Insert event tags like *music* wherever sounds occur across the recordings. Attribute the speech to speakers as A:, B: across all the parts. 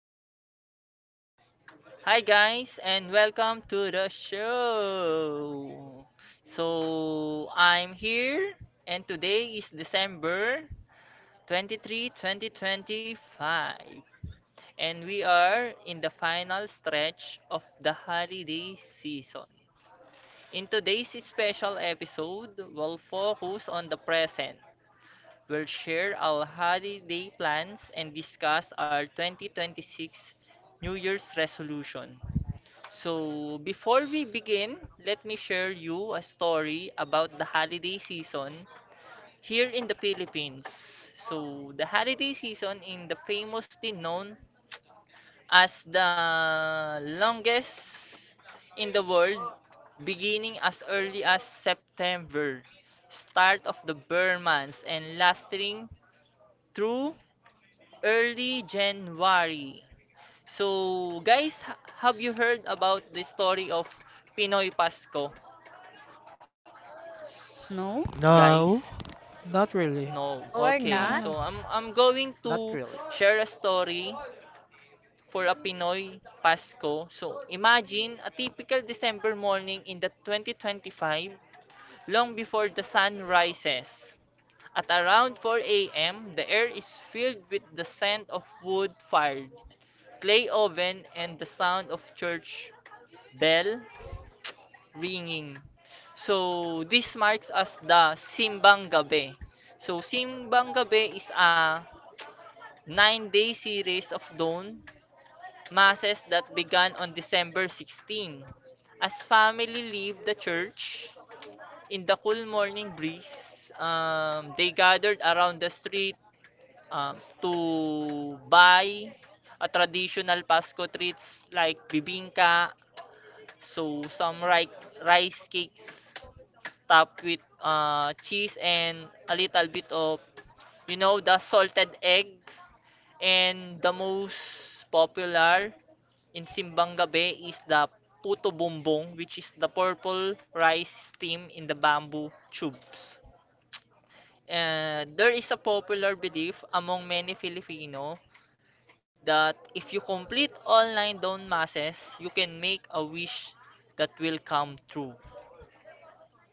A: everyone. Hi, guys, and welcome to the show. So, I'm here, and today is December 23, 2025, and we are in the final stretch of the holiday season. In today's special episode, we'll focus on the present. We'll share our holiday plans and discuss our 2026 New Year's resolution. So, before we begin, let me share you a story about the holiday season here in the Philippines. So, the holiday season in the famously known as the longest in the world, beginning as early as September, start of the Burr months, and lasting through early January. So, guys, have you heard about the story of Pinoy Pasko?
B: No,
A: Guys,
C: No,
D: Not
A: no.
D: really.
E: No, we're
A: Okay,
B: no,
A: so
B: no.
E: not.
A: I'm going to
C: not really.
A: share a story for a Pinoy Pasko. So imagine a typical December morning in the 2025, long before the sun rises. At around 4 a.m., the air is filled with the scent of wood fired, clay oven, and the sound of church bell ringing. So, this marks as the Simbang Gabi. So, Simbang Gabi is a 9-day series of dawn masses that began on December 16. As family leave the church in the cool morning breeze, they gathered around the street um, to buy a traditional Pasko treats like bibingka, so some rice cakes, top with cheese and a little bit of the salted egg, and the most popular in Simbang Gabi is the puto bumbong, which is the purple rice steam in the bamboo tubes. There is a popular belief among many Filipino that if you complete all nine dawn masses, you can make a wish that will come true.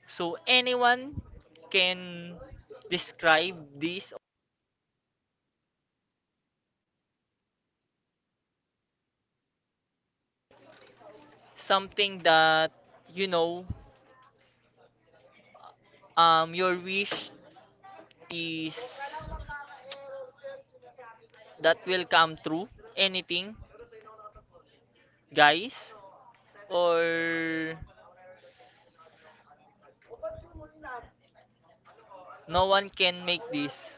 A: So, anyone can describe this, something that, you know your wish is that will come true, anything, guys? Or no one can make this?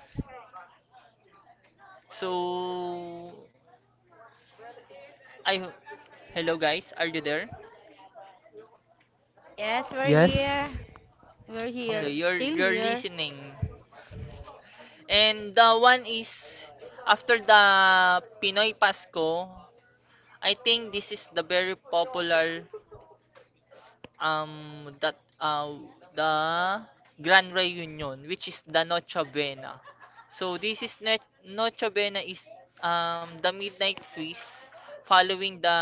A: So, i ho- hello, guys, are you there?
E: Yes, we're
B: Yes,
E: here.
C: Yes.
B: we're
A: Okay,
B: here,
D: Yes.
A: you're
B: still
A: you're
B: here.
A: listening. And the one is, after the Pinoy Pasko, I think this is the very popular, that, the Grand Reunion, which is the Noche Buena. So this is net Noche Buena is the midnight feast following the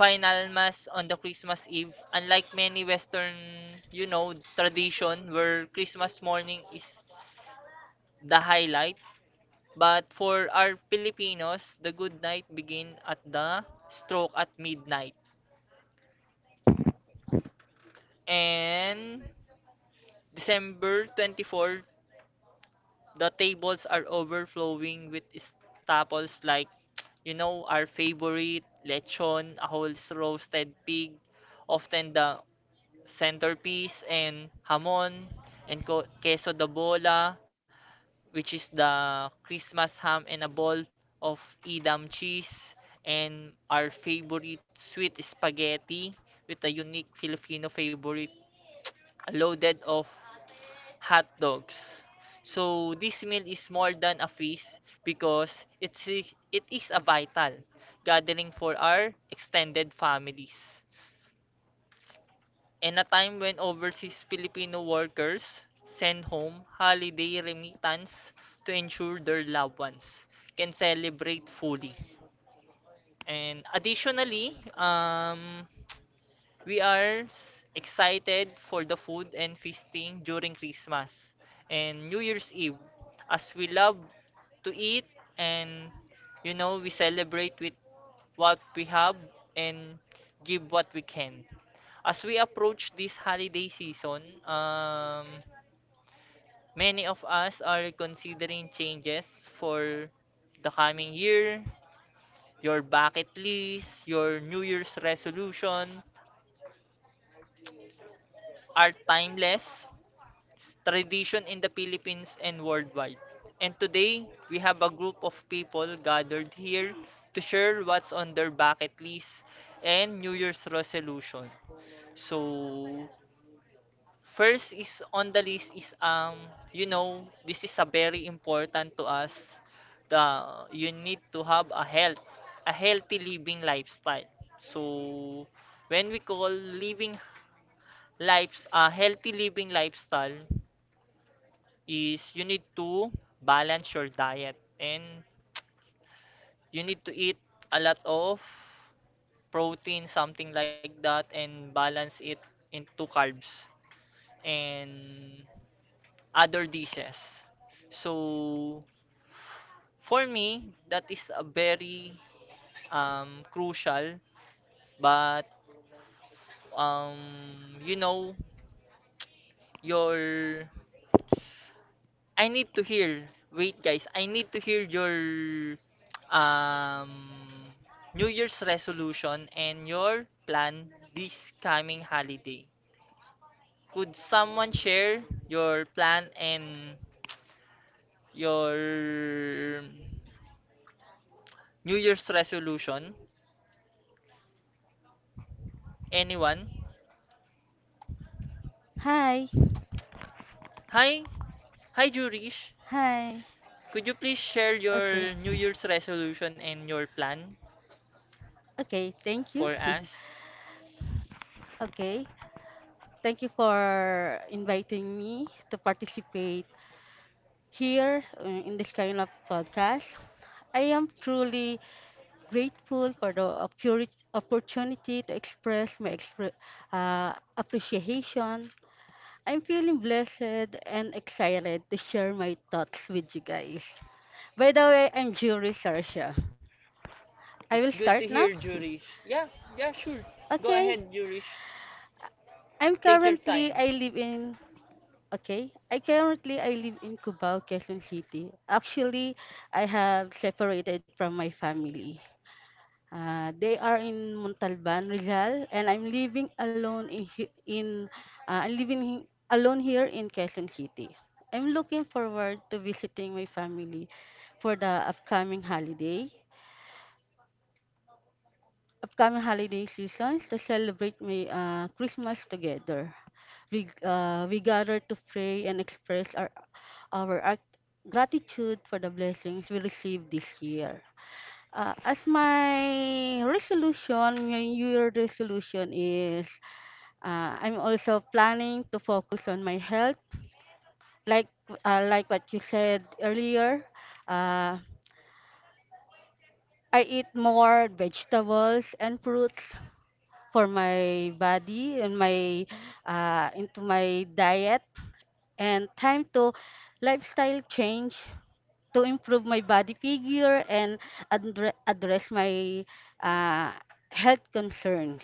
A: final mass on the Christmas Eve. Unlike many Western, tradition where Christmas morning is the highlight, but for our Filipinos, the good night begin at the stroke at midnight. And December 24th, the tables are overflowing with staples like, our favorite lechon, a whole roasted pig, often the centerpiece, and hamon, and queso de bola, which is the Christmas ham and a ball of Edam cheese, and our favorite sweet spaghetti with a unique Filipino favorite, loaded of hot dogs. So this meal is more than a feast because it is a vital gathering for our extended families. In a time when overseas Filipino workers send home holiday remittance to ensure their loved ones can celebrate fully. And additionally, we are excited for the food and feasting during Christmas and New Year's Eve, as we love to eat, and we celebrate with what we have and give what we can. As we approach this holiday season, um, many of us are considering changes for the coming year. Your bucket list, your New Year's resolution are timeless tradition in the Philippines and worldwide. And today, we have a group of people gathered here to share what's on their bucket list and New Year's resolution. So, first is on the list is, this is a very important to us. You need to have a health, a healthy living lifestyle. So, when we call living lives a healthy living lifestyle is you need to balance your diet, and you need to eat a lot of protein, something like that, and balance it into carbs and other dishes. So, for me, that is a very, crucial, but um, you know, your I need to hear. Wait, guys. I need to hear your um New Year's resolution and your plan this coming holiday. Could someone share your plan and your New Year's resolution? Anyone?
B: Hi,
A: Hi. Hi, Jurish.
B: hi.
A: Could you please share
B: Okay,
A: your New Year's resolution and your plan
B: okay, thank you.
A: for
B: *laughs*
A: us?
B: okay, Thank you for inviting me to participate here in this kind of podcast. I am truly grateful for the opportunity to express my appreciation. I'm feeling blessed and excited to share my thoughts with you guys. By the way, I'm Jury Sarsha. I will
A: It's good
B: start
A: to
B: now.
A: hear,
B: *laughs*
A: Jurish. Yeah, yeah, sure. Go
B: Okay.
A: ahead, Jurish.
B: I'm
A: Take your
B: currently
A: time.
B: I live in Okay. I currently I live in Cubao, Quezon City. Actually, I have separated from my family. They are in Montalban, Rizal, and I'm living alone here in Quezon City. I'm looking forward to visiting my family for the upcoming holiday seasons to celebrate my Christmas together. We gather to pray and express our gratitude for the blessings we received this year. As my resolution, my New Year resolution is, I'm also planning to focus on my health. Like like what you said earlier, uh, I eat more vegetables and fruits for my body and my, into my diet, and time to lifestyle change to improve my body figure and address my uh, health concerns.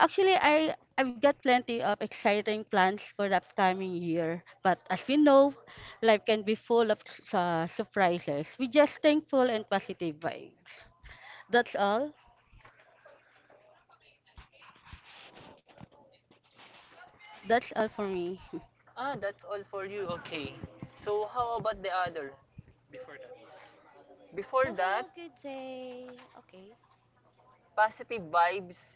B: Actually, I've got plenty of exciting plans for the upcoming year, but as we know, life can be full of surprises. We just thankful and positive vibes. That's all. That's all for me. *laughs*
A: Ah, that's all for you. Okay. So how about the other? Before
F: So,
A: that,
F: hello, good day. Okay,
A: positive vibes,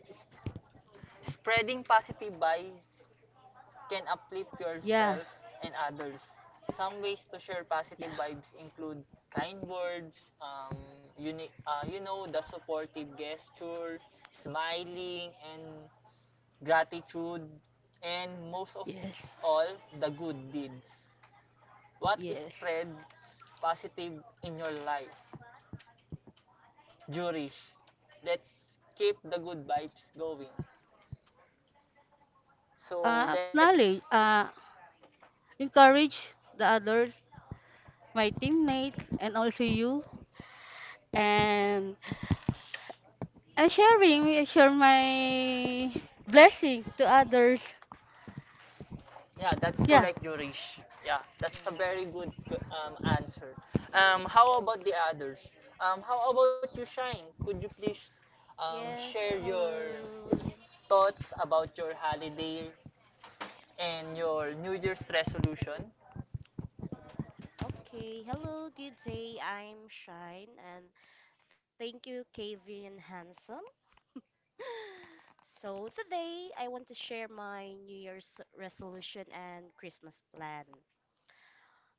A: spreading positive vibes can uplift
B: Yeah.
A: yourself and others. Some ways to share positive vibes include kind words, the supportive gesture, smiling, and gratitude, and most of
B: Yes.
A: all, the good deeds. What is
B: Yes.
A: spread positive in your life? Jurish. Let's keep the good vibes going. So,
B: Acknowledge. Encourage the others, my teammates, and also you. And And sharing, I share my blessing to others.
A: yeah, that's
B: Yeah.
A: correct, Jurish. Yeah, that's a very
F: yeah.
A: good, answer. How about the others? How about you, Shine? Could you please,
F: Yes,
A: share your
F: hello.
A: thoughts about your holiday and your New Year's resolution?
F: Okay, hello, good day. I'm Shine and thank you, Kevin Handsome. *gasps* *laughs* So, today I want to share my New Year's resolution and Christmas plan.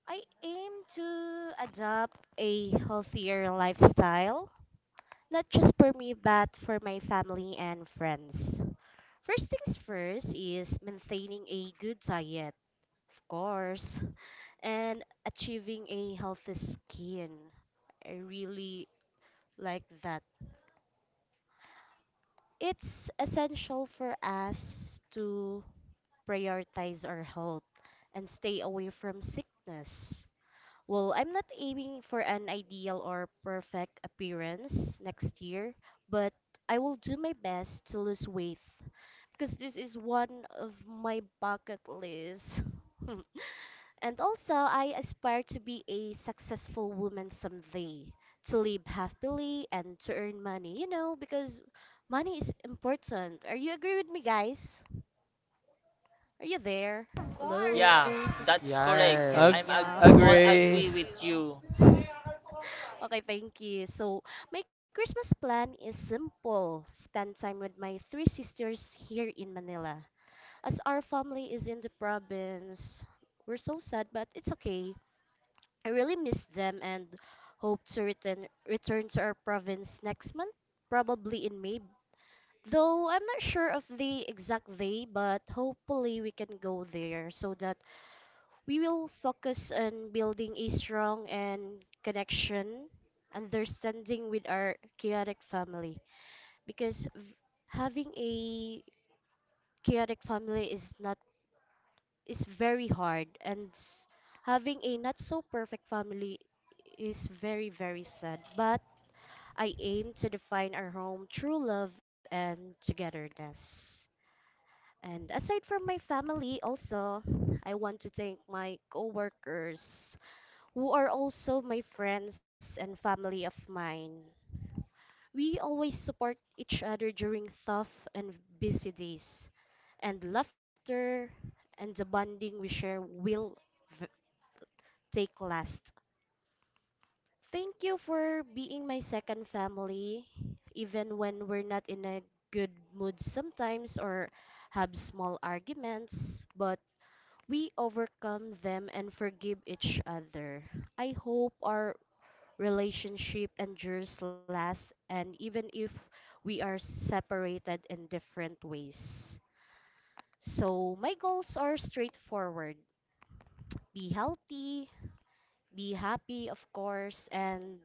F: I aim to adopt a healthier lifestyle, not just for me, but for my family and friends. First things first is maintaining a good diet. Of course. And achieving a healthy skin. I really like that. It's essential for us to prioritize our health and stay away from sickness. Well, I'm not aiming for an ideal or perfect appearance next year, but I will do my best to lose weight because this is one of my bucket lists. *laughs* And also, I aspire to be a successful woman someday, to live happily and to earn money, you know, because money is important. Are you agree with me, guys? Are you
E: Of
F: there?
E: course.
A: Yeah,
F: Hello?
E: Yes,
A: that's correct.
E: yes, of
F: *laughs*
A: I'm
D: Ag-
A: ag-
F: Yeah.
E: course.
C: Yes.
E: We
A: All
E: agree with
A: agree
E: you.
D: agree.
A: with you.
F: Okay, thank you. So, my Christmas plan is simple, spend time with my three sisters here in Manila. As our family is in the province, we're so sad, but it's okay. I really miss them and hope to return to our province next month, probably in May. Though I'm not sure of the exact day, but hopefully we can go there so that we will focus on building a strong and connection, understanding with our chaotic family. Because having a chaotic family is not is very hard and having a not so perfect family is very very sad, but I aim to define our home through love and togetherness. And aside from my family also, I want to thank my coworkers, who are also my friends and family of mine. We always support each other during tough and busy days, and laughter and the bonding we share will take last. Thank you for being my second family, even when we're not in a good mood sometimes or have small arguments, but we overcome them and forgive each other. I hope our relationship endures last and even if we are separated in different ways. So, my goals are straightforward, be healthy, be happy, of course, and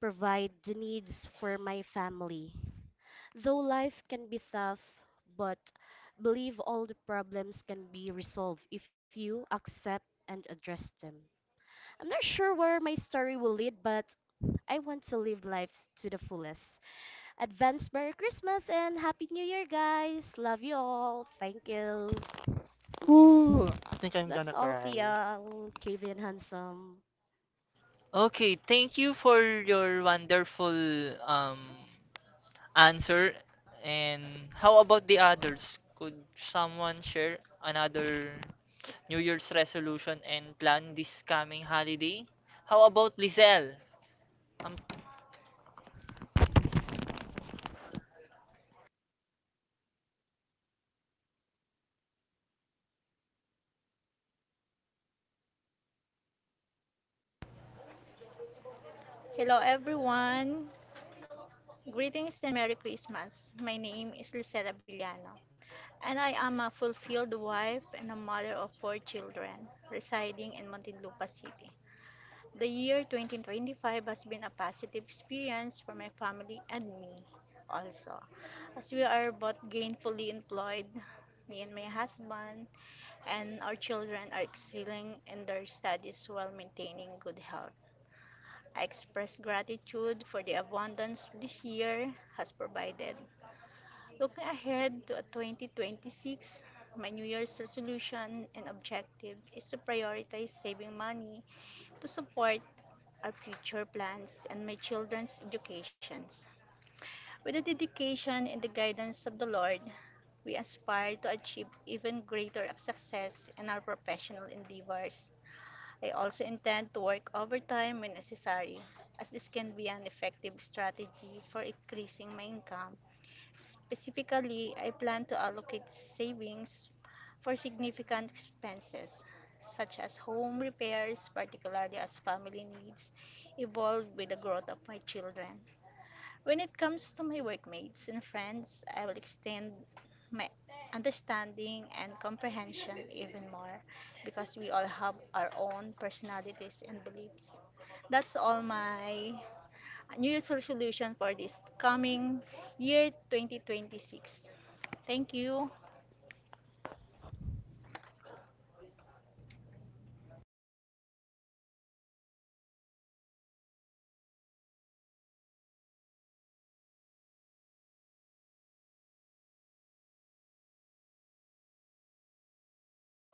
F: provide the needs for my family. Though life can be tough, but believe all the problems can be resolved if you accept and address them. I'm not sure where my story will lead, but I want to live life to the fullest. Advance Merry Christmas and Happy New Year, guys. Love you all. Thank you.
C: Ooh, I think I'm
F: That's
C: gonna
F: all,
C: cry.
F: TL. Kevin Handsome.
A: Okay, thank you for your wonderful, um answer. And how about the others? Could someone share another New Year's resolution and plan this coming holiday? How about Lizelle? Um,
E: Hello, everyone. Greetings and Merry Christmas. My name is Lisette Villano, and I am a fulfilled wife and a mother of four children residing in Montinlupa City. The year 2025 has been a positive experience for my family and me also, as we are both gainfully employed, me and my husband, and our children are excelling in their studies while maintaining good health. I express gratitude for the abundance this year has provided. Looking ahead to 2026, my New Year's resolution and objective is to prioritize saving money to support our future plans and my children's educations. With the dedication and the guidance of the Lord, we aspire to achieve even greater success in our professional endeavors. They also intend to work overtime when necessary, as this can be an effective strategy for increasing my income. Specifically, I plan to allocate savings for significant expenses, such as home repairs, particularly as family needs evolve with the growth of my children. When it comes to my workmates and friends, I will extend my understanding and comprehension even more because we all have our own personalities and beliefs. That's all my New Year's resolution for this coming year 2026. Thank you.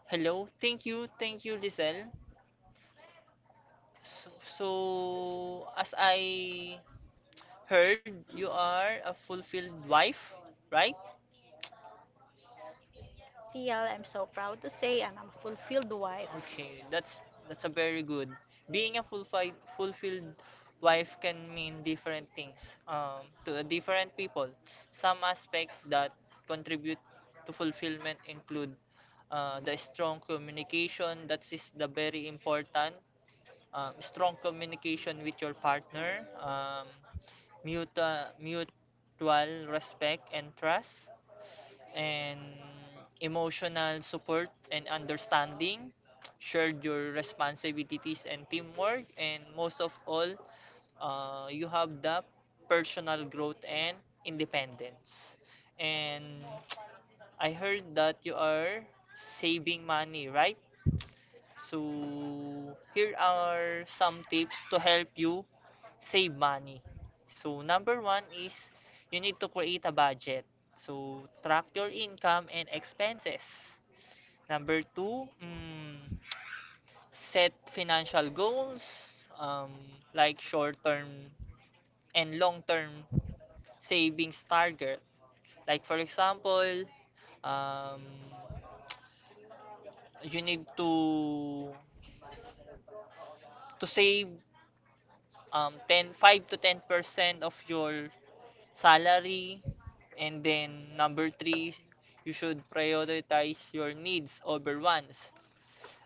A: Hello. Thank you. Thank you, Lizelle. So, as I heard, you are a fulfilled wife, right?
E: As TL, I'm so proud to say I'm a fulfilled wife.
A: Okay, that's, a very good. Being a fulfilled fulfilled wife can mean different things, to different people. Some aspects that contribute to fulfillment include, the strong communication. That is the very important. Strong communication with your partner. Mutual mutual respect and trust, and emotional support and understanding, shared your responsibilities and teamwork, and most of all, you have the personal growth and independence. And I heard that you are saving money, right? So here are some tips to help you save money. So, number one is you need to create a budget. So, track your income and expenses. Number two, set financial goals, like short term and long term savings target. Like, for example, um, you need to save, 5% to 10% of your salary. And then number three, you should prioritize your needs over wants.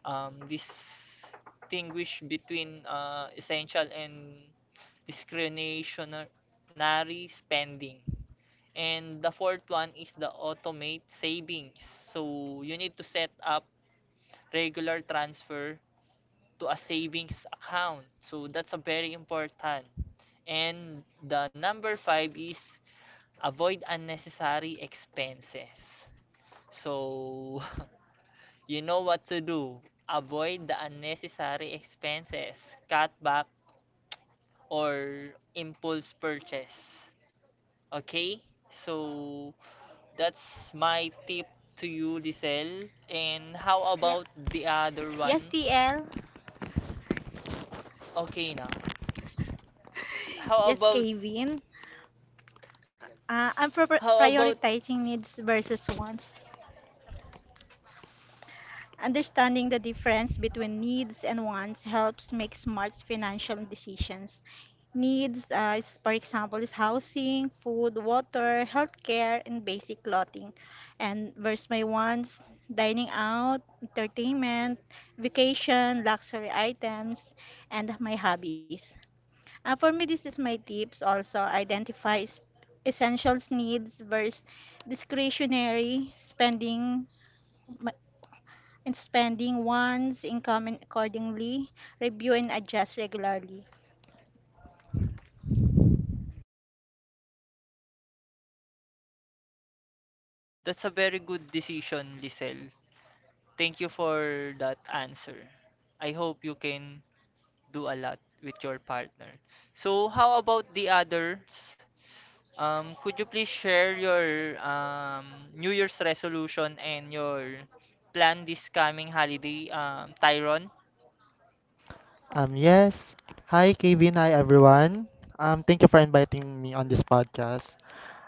A: Distinguish between, essential and discretionary spending. And the fourth one is the automate savings. So you need to set up regular transfer to a savings account. So that's a very important. And the number five is avoid unnecessary expenses. So, *laughs* you know what to do. Avoid the unnecessary expenses, cut back, or impulse purchase. Okay? So, that's my tip to you, Lisel. And how
E: Yep.
A: about the other
E: Yes,
A: one?
E: TL. *laughs*
A: Okay na. How
E: Yes,
A: about,
E: Kevin. I'm
A: how about,
E: prioritizing needs versus wants. Understanding the difference between needs and wants helps make smart financial decisions. Needs, is, for example, is housing, food, water, healthcare, and basic clothing. And versus my wants, dining out, entertainment, vacation, luxury items, and my hobbies. For me, this is my tips also. Identify essentials needs versus discretionary spending and spending one's income and accordingly, review and adjust regularly.
A: That's a very good decision, Lisel. Thank you for that answer. I hope you can do a lot with your partner. So, how about the others? Could you please share your, New Year's resolution and your plan this coming holiday, Tyron?
C: Yes. Hi, Kevin. Hi, everyone. Thank you for inviting me on this podcast.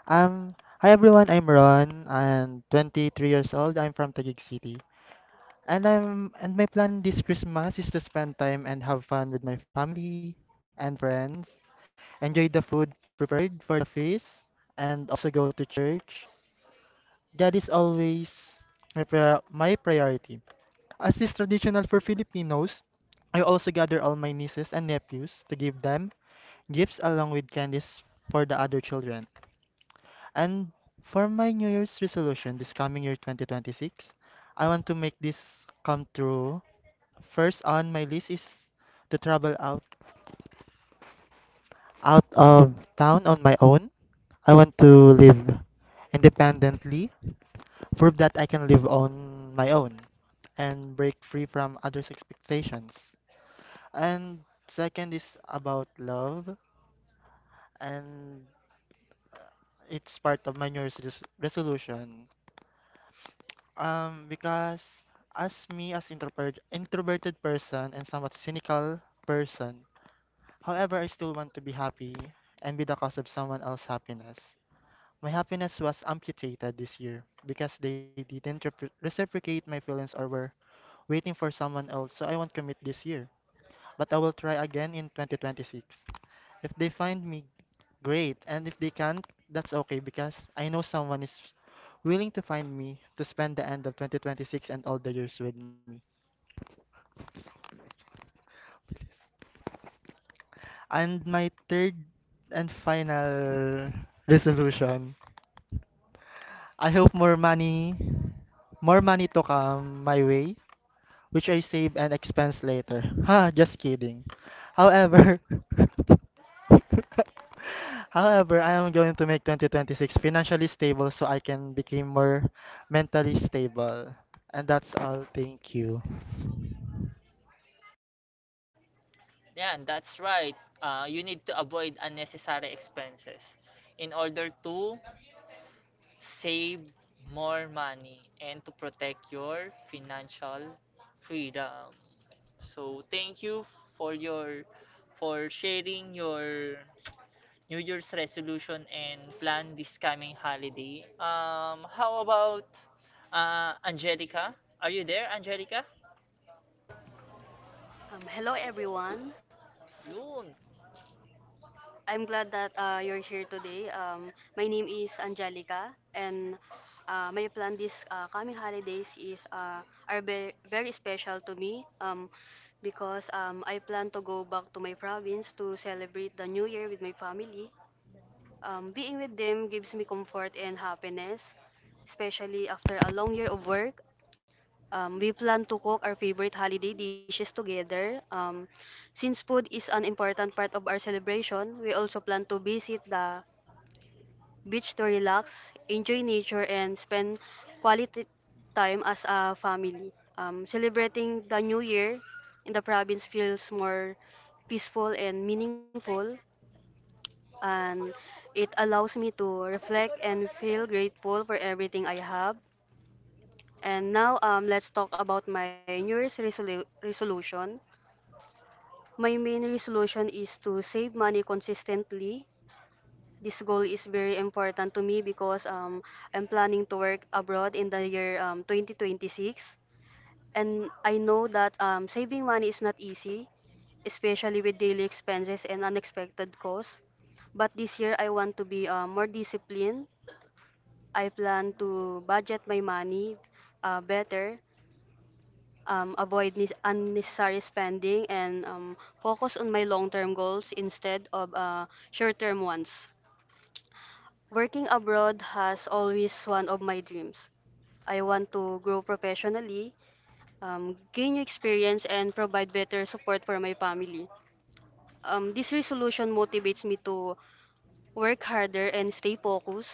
C: Hi, everyone. I'm Ron. I'm 23 years old. I'm from Taguig City. And my plan this Christmas is to spend time and have fun with my family and friends. Enjoy the food prepared for the feast, and also go to church. God is always my, my priority. As is traditional for Filipinos, I also gather all my nieces and nephews to give them gifts along with candies for the other children. And for my New Year's resolution this coming year 2026, I want to make this come true. First on my list is to travel out of town on my own. I want to live independently, prove that I can live on my own and break free from others' expectations. And second is about love, and it's part of my New Year's resolution. Because as me, as introverted person and somewhat cynical person, however, I still want to be happy and be the cause of someone else's happiness. My happiness was amputated this year because they didn't reciprocate my feelings or were waiting for someone else, so I won't commit this year. But I will try again in 2026. If they find me, great. And if they can't, that's okay because I know someone is willing to find me to spend the end of 2026 and all the years with me. And my third and final resolution, I hope more money to come my way which I save and expense later. *laughs* Ha, just kidding. However, *laughs* however, I am going to make 2026 financially stable so I can become more mentally stable. And that's all. Thank you.
A: Yeah, that's right. You need to avoid unnecessary expenses in order to save more money and to protect your financial freedom. So, thank you for your for sharing your New Year's resolution and plan this coming holiday. How about, Angelica? Are you there, Angelica?
G: Hello everyone.
A: Yun.
G: I'm glad that you're here today. My name is Angelica, and my plan this coming holidays is very special to me because I plan to go back to my province to celebrate the New Year with my family. Being with them gives me comfort and happiness, especially after a long year of work. We plan to cook our favorite holiday dishes together. Since food is an important part of our celebration, we also plan to visit the beach to relax, enjoy nature, and spend quality time as a family. Celebrating the new year in the province feels more peaceful and meaningful, and it allows me to reflect and feel grateful for everything I have. And now let's talk about my New Year's resolution. My main resolution is to save money consistently. This goal is very important to me because I'm planning to work abroad in the year 2026. And I know that saving money is not easy, especially with daily expenses and unexpected costs. But this year, I want to be more disciplined. I plan to budget my money better avoid unnecessary spending, and focus on my long term goals instead of short term ones. Working abroad has always one of my dreams. I want to grow professionally, gain new experience, and provide better support for my family. This resolution motivates me to work harder and stay focused.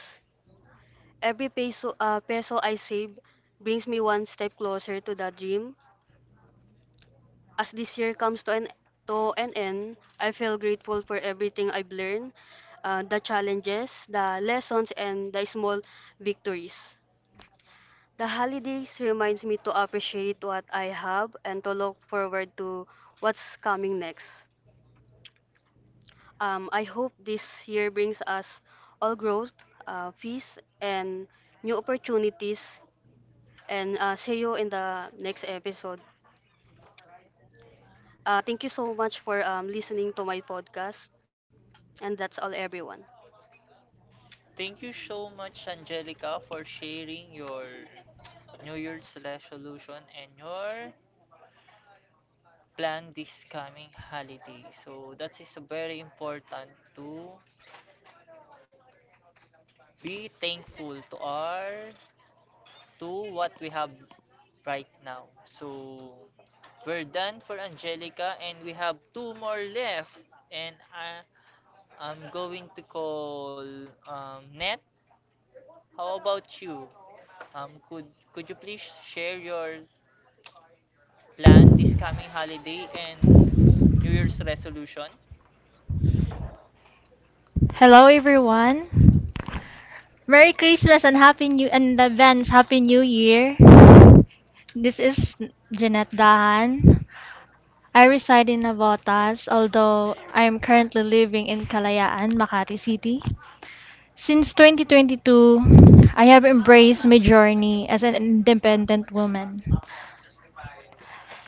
G: Every peso I save brings me one step closer to that dream. As this year comes to an end, I feel grateful for everything I've learned, the challenges, the lessons, and the small victories. The holidays reminds me to appreciate what I have and to look forward to what's coming next. I hope this year brings us all growth, peace, and new opportunities. And see you in the next episode. Thank you so much for listening to my podcast. And that's all, everyone.
A: Thank you so much, Angelica, for sharing your New Year's resolution and your plan this coming holiday. So that is very important to be thankful to what we have right now. So, we're done for Angelica, and we have two more left. And I'm going to call, Net. How about you? Um, could could you please share your plan this coming holiday and New Year's resolution?
H: Hello everyone. Merry Christmas and Happy New and advance Happy New Year. This is Jeanette Dahan. I reside in Navotas, although I am currently living in Kalayaan, Makati City. Since 2022, I have embraced my journey as an independent woman.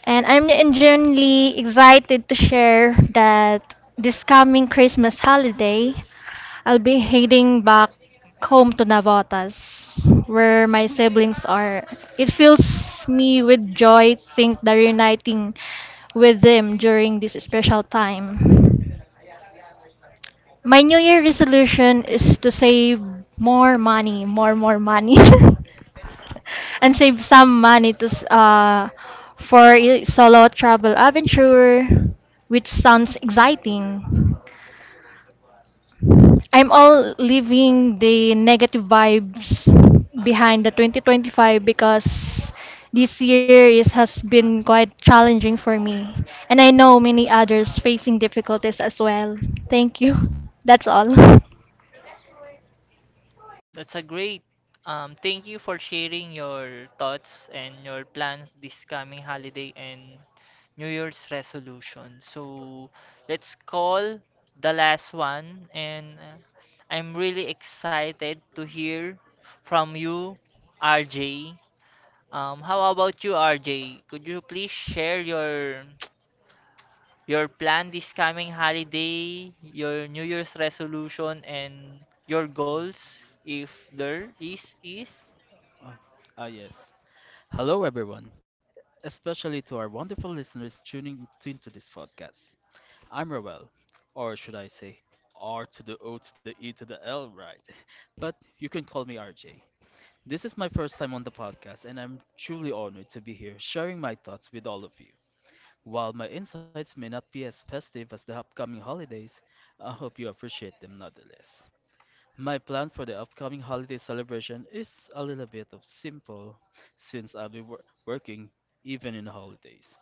H: And I'm genuinely excited to share that this coming Christmas holiday, I'll be heading back home to Navotas, where my siblings are. It fills me with joy to think that reuniting with them during this special time. My New Year resolution is to save more money, *laughs* and save some money for a solo travel adventure, which sounds exciting. I'm all leaving the negative vibes behind the 2025 because this year has been quite challenging for me. And I know many others facing difficulties as well. Thank you. *laughs* That's all.
A: That's a great. Thank you for sharing your thoughts and your plans this coming holiday and New Year's resolution. So let's call the last one, and I'm really excited to hear from you, RJ. How about you, RJ? Could you please share your *tsk* your plan this coming holiday, your New Year's resolution, and your goals, if there is?
D: Oh, ah, yes. Hello, everyone, especially to our wonderful listeners tuning into this podcast. I'm Roel, or should I say, R to the O to the E to the L, right? *laughs* But you can call me RJ. This is my first time on the podcast, and I'm truly honored to be here sharing my thoughts with all of you. While my insights may not be as festive as the upcoming holidays, I hope you appreciate them nonetheless. My plan for the upcoming holiday celebration is a little bit of simple since I'll be working even in the holidays.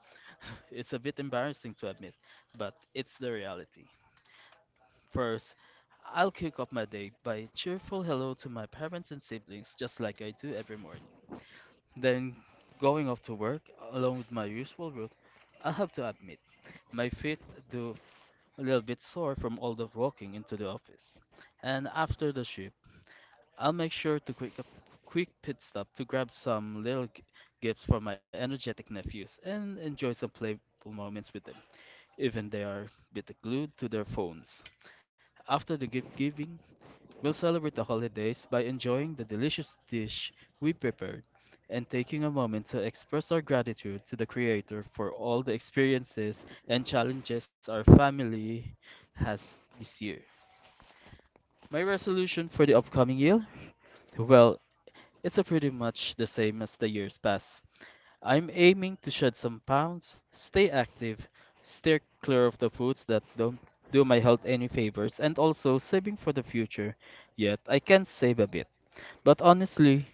D: *laughs* It's a bit embarrassing to admit, but it's the reality. First, I'll kick off my day by a cheerful hello to my parents and siblings just like I do every morning. Then, going off to work along with my usual route, I have to admit my feet do a little bit sore from all the walking into the office. And after the shift, I'll make sure to quick pit stop to grab some little gifts for my energetic nephews and enjoy some playful moments with them, even they are a bit glued to their phones. After the gift giving, we'll celebrate the holidays by enjoying the delicious dish we prepared and taking a moment to express our gratitude to the Creator for all the experiences and challenges our family has this year. My resolution for the upcoming year? Well, it's a pretty much the same as the years past. I'm aiming to shed some pounds, stay active, steer clear of the foods that don't do my health any favors, and also saving for the future. Yet, I can save a bit. But honestly,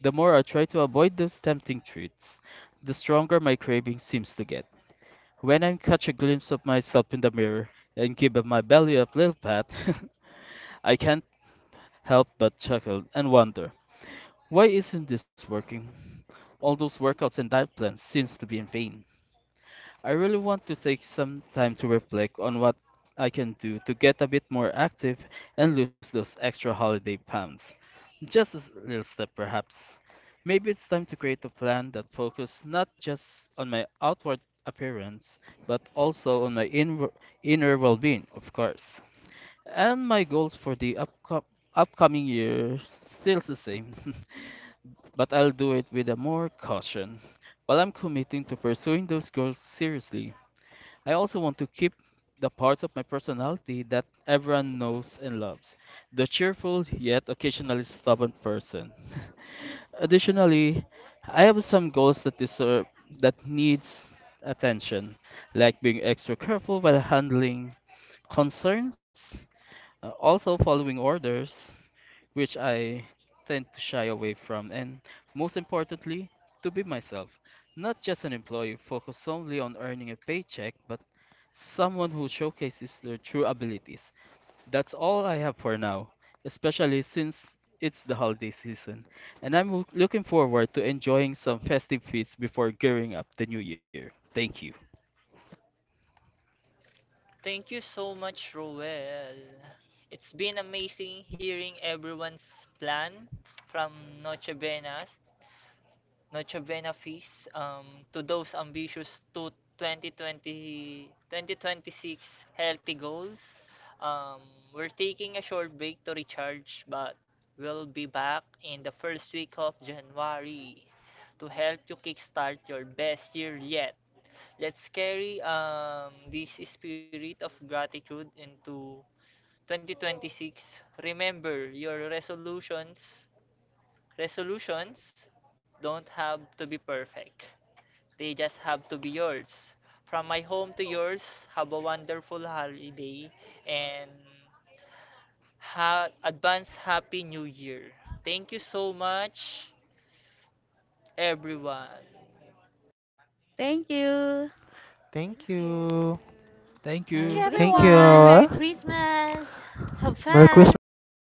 D: the more I try to avoid those tempting treats, the stronger my craving seems to get. When I catch a glimpse of myself in the mirror and give my belly a little pat, *laughs* I can't help but chuckle and wonder. Why isn't this working? All those workouts and diet plans seems to be in vain. I really want to take some time to reflect on what I can do to get a bit more active and lose those extra holiday pounds. Just a little step perhaps. Maybe it's time to create a plan that focuses not just on my outward appearance, but also on my inner well-being, of course. And my goals for the upcoming year still the same. *laughs* But I'll do it with a more caution. While I'm committing to pursuing those goals seriously, I also want to keep the parts of my personality that everyone knows and loves, the cheerful yet occasionally stubborn person. *laughs* Additionally, I have some goals that deserve that needs attention, like being extra careful while handling concerns, also following orders, which I tend to shy away from, and most importantly, to be myself. Not just an employee focused solely on earning a paycheck, but someone who showcases their true abilities. That's all I have for now, especially since it's the holiday season, and I'm looking forward to enjoying some festive feats before gearing up the new year. Thank you.
A: Thank you so much, Roel. It's been amazing hearing everyone's plan, from Noche Venas, Noche Vena feast, to those ambitious to 2020, 2026 healthy goals. Um, we're taking a short break to recharge, but we'll be back in the first week of January to help you kickstart your best year yet. Let's carry, this spirit of gratitude into 2026. Remember, your resolutions resolutions don't have to be perfect. They just have to be yours. From my home to yours, have a wonderful holiday and advance happy new year. Thank you so much, everyone.
B: Thank you.
F: Thank
C: Thank you.
F: you.
D: Thank
E: Thank
B: Merry
E: you,
D: you.
C: Thank
F: Bye
E: everyone. Merry
B: Christmas.
C: you.
F: bye.
E: Christmas. Have
C: Merry Christmas,
E: fun.
C: everyone.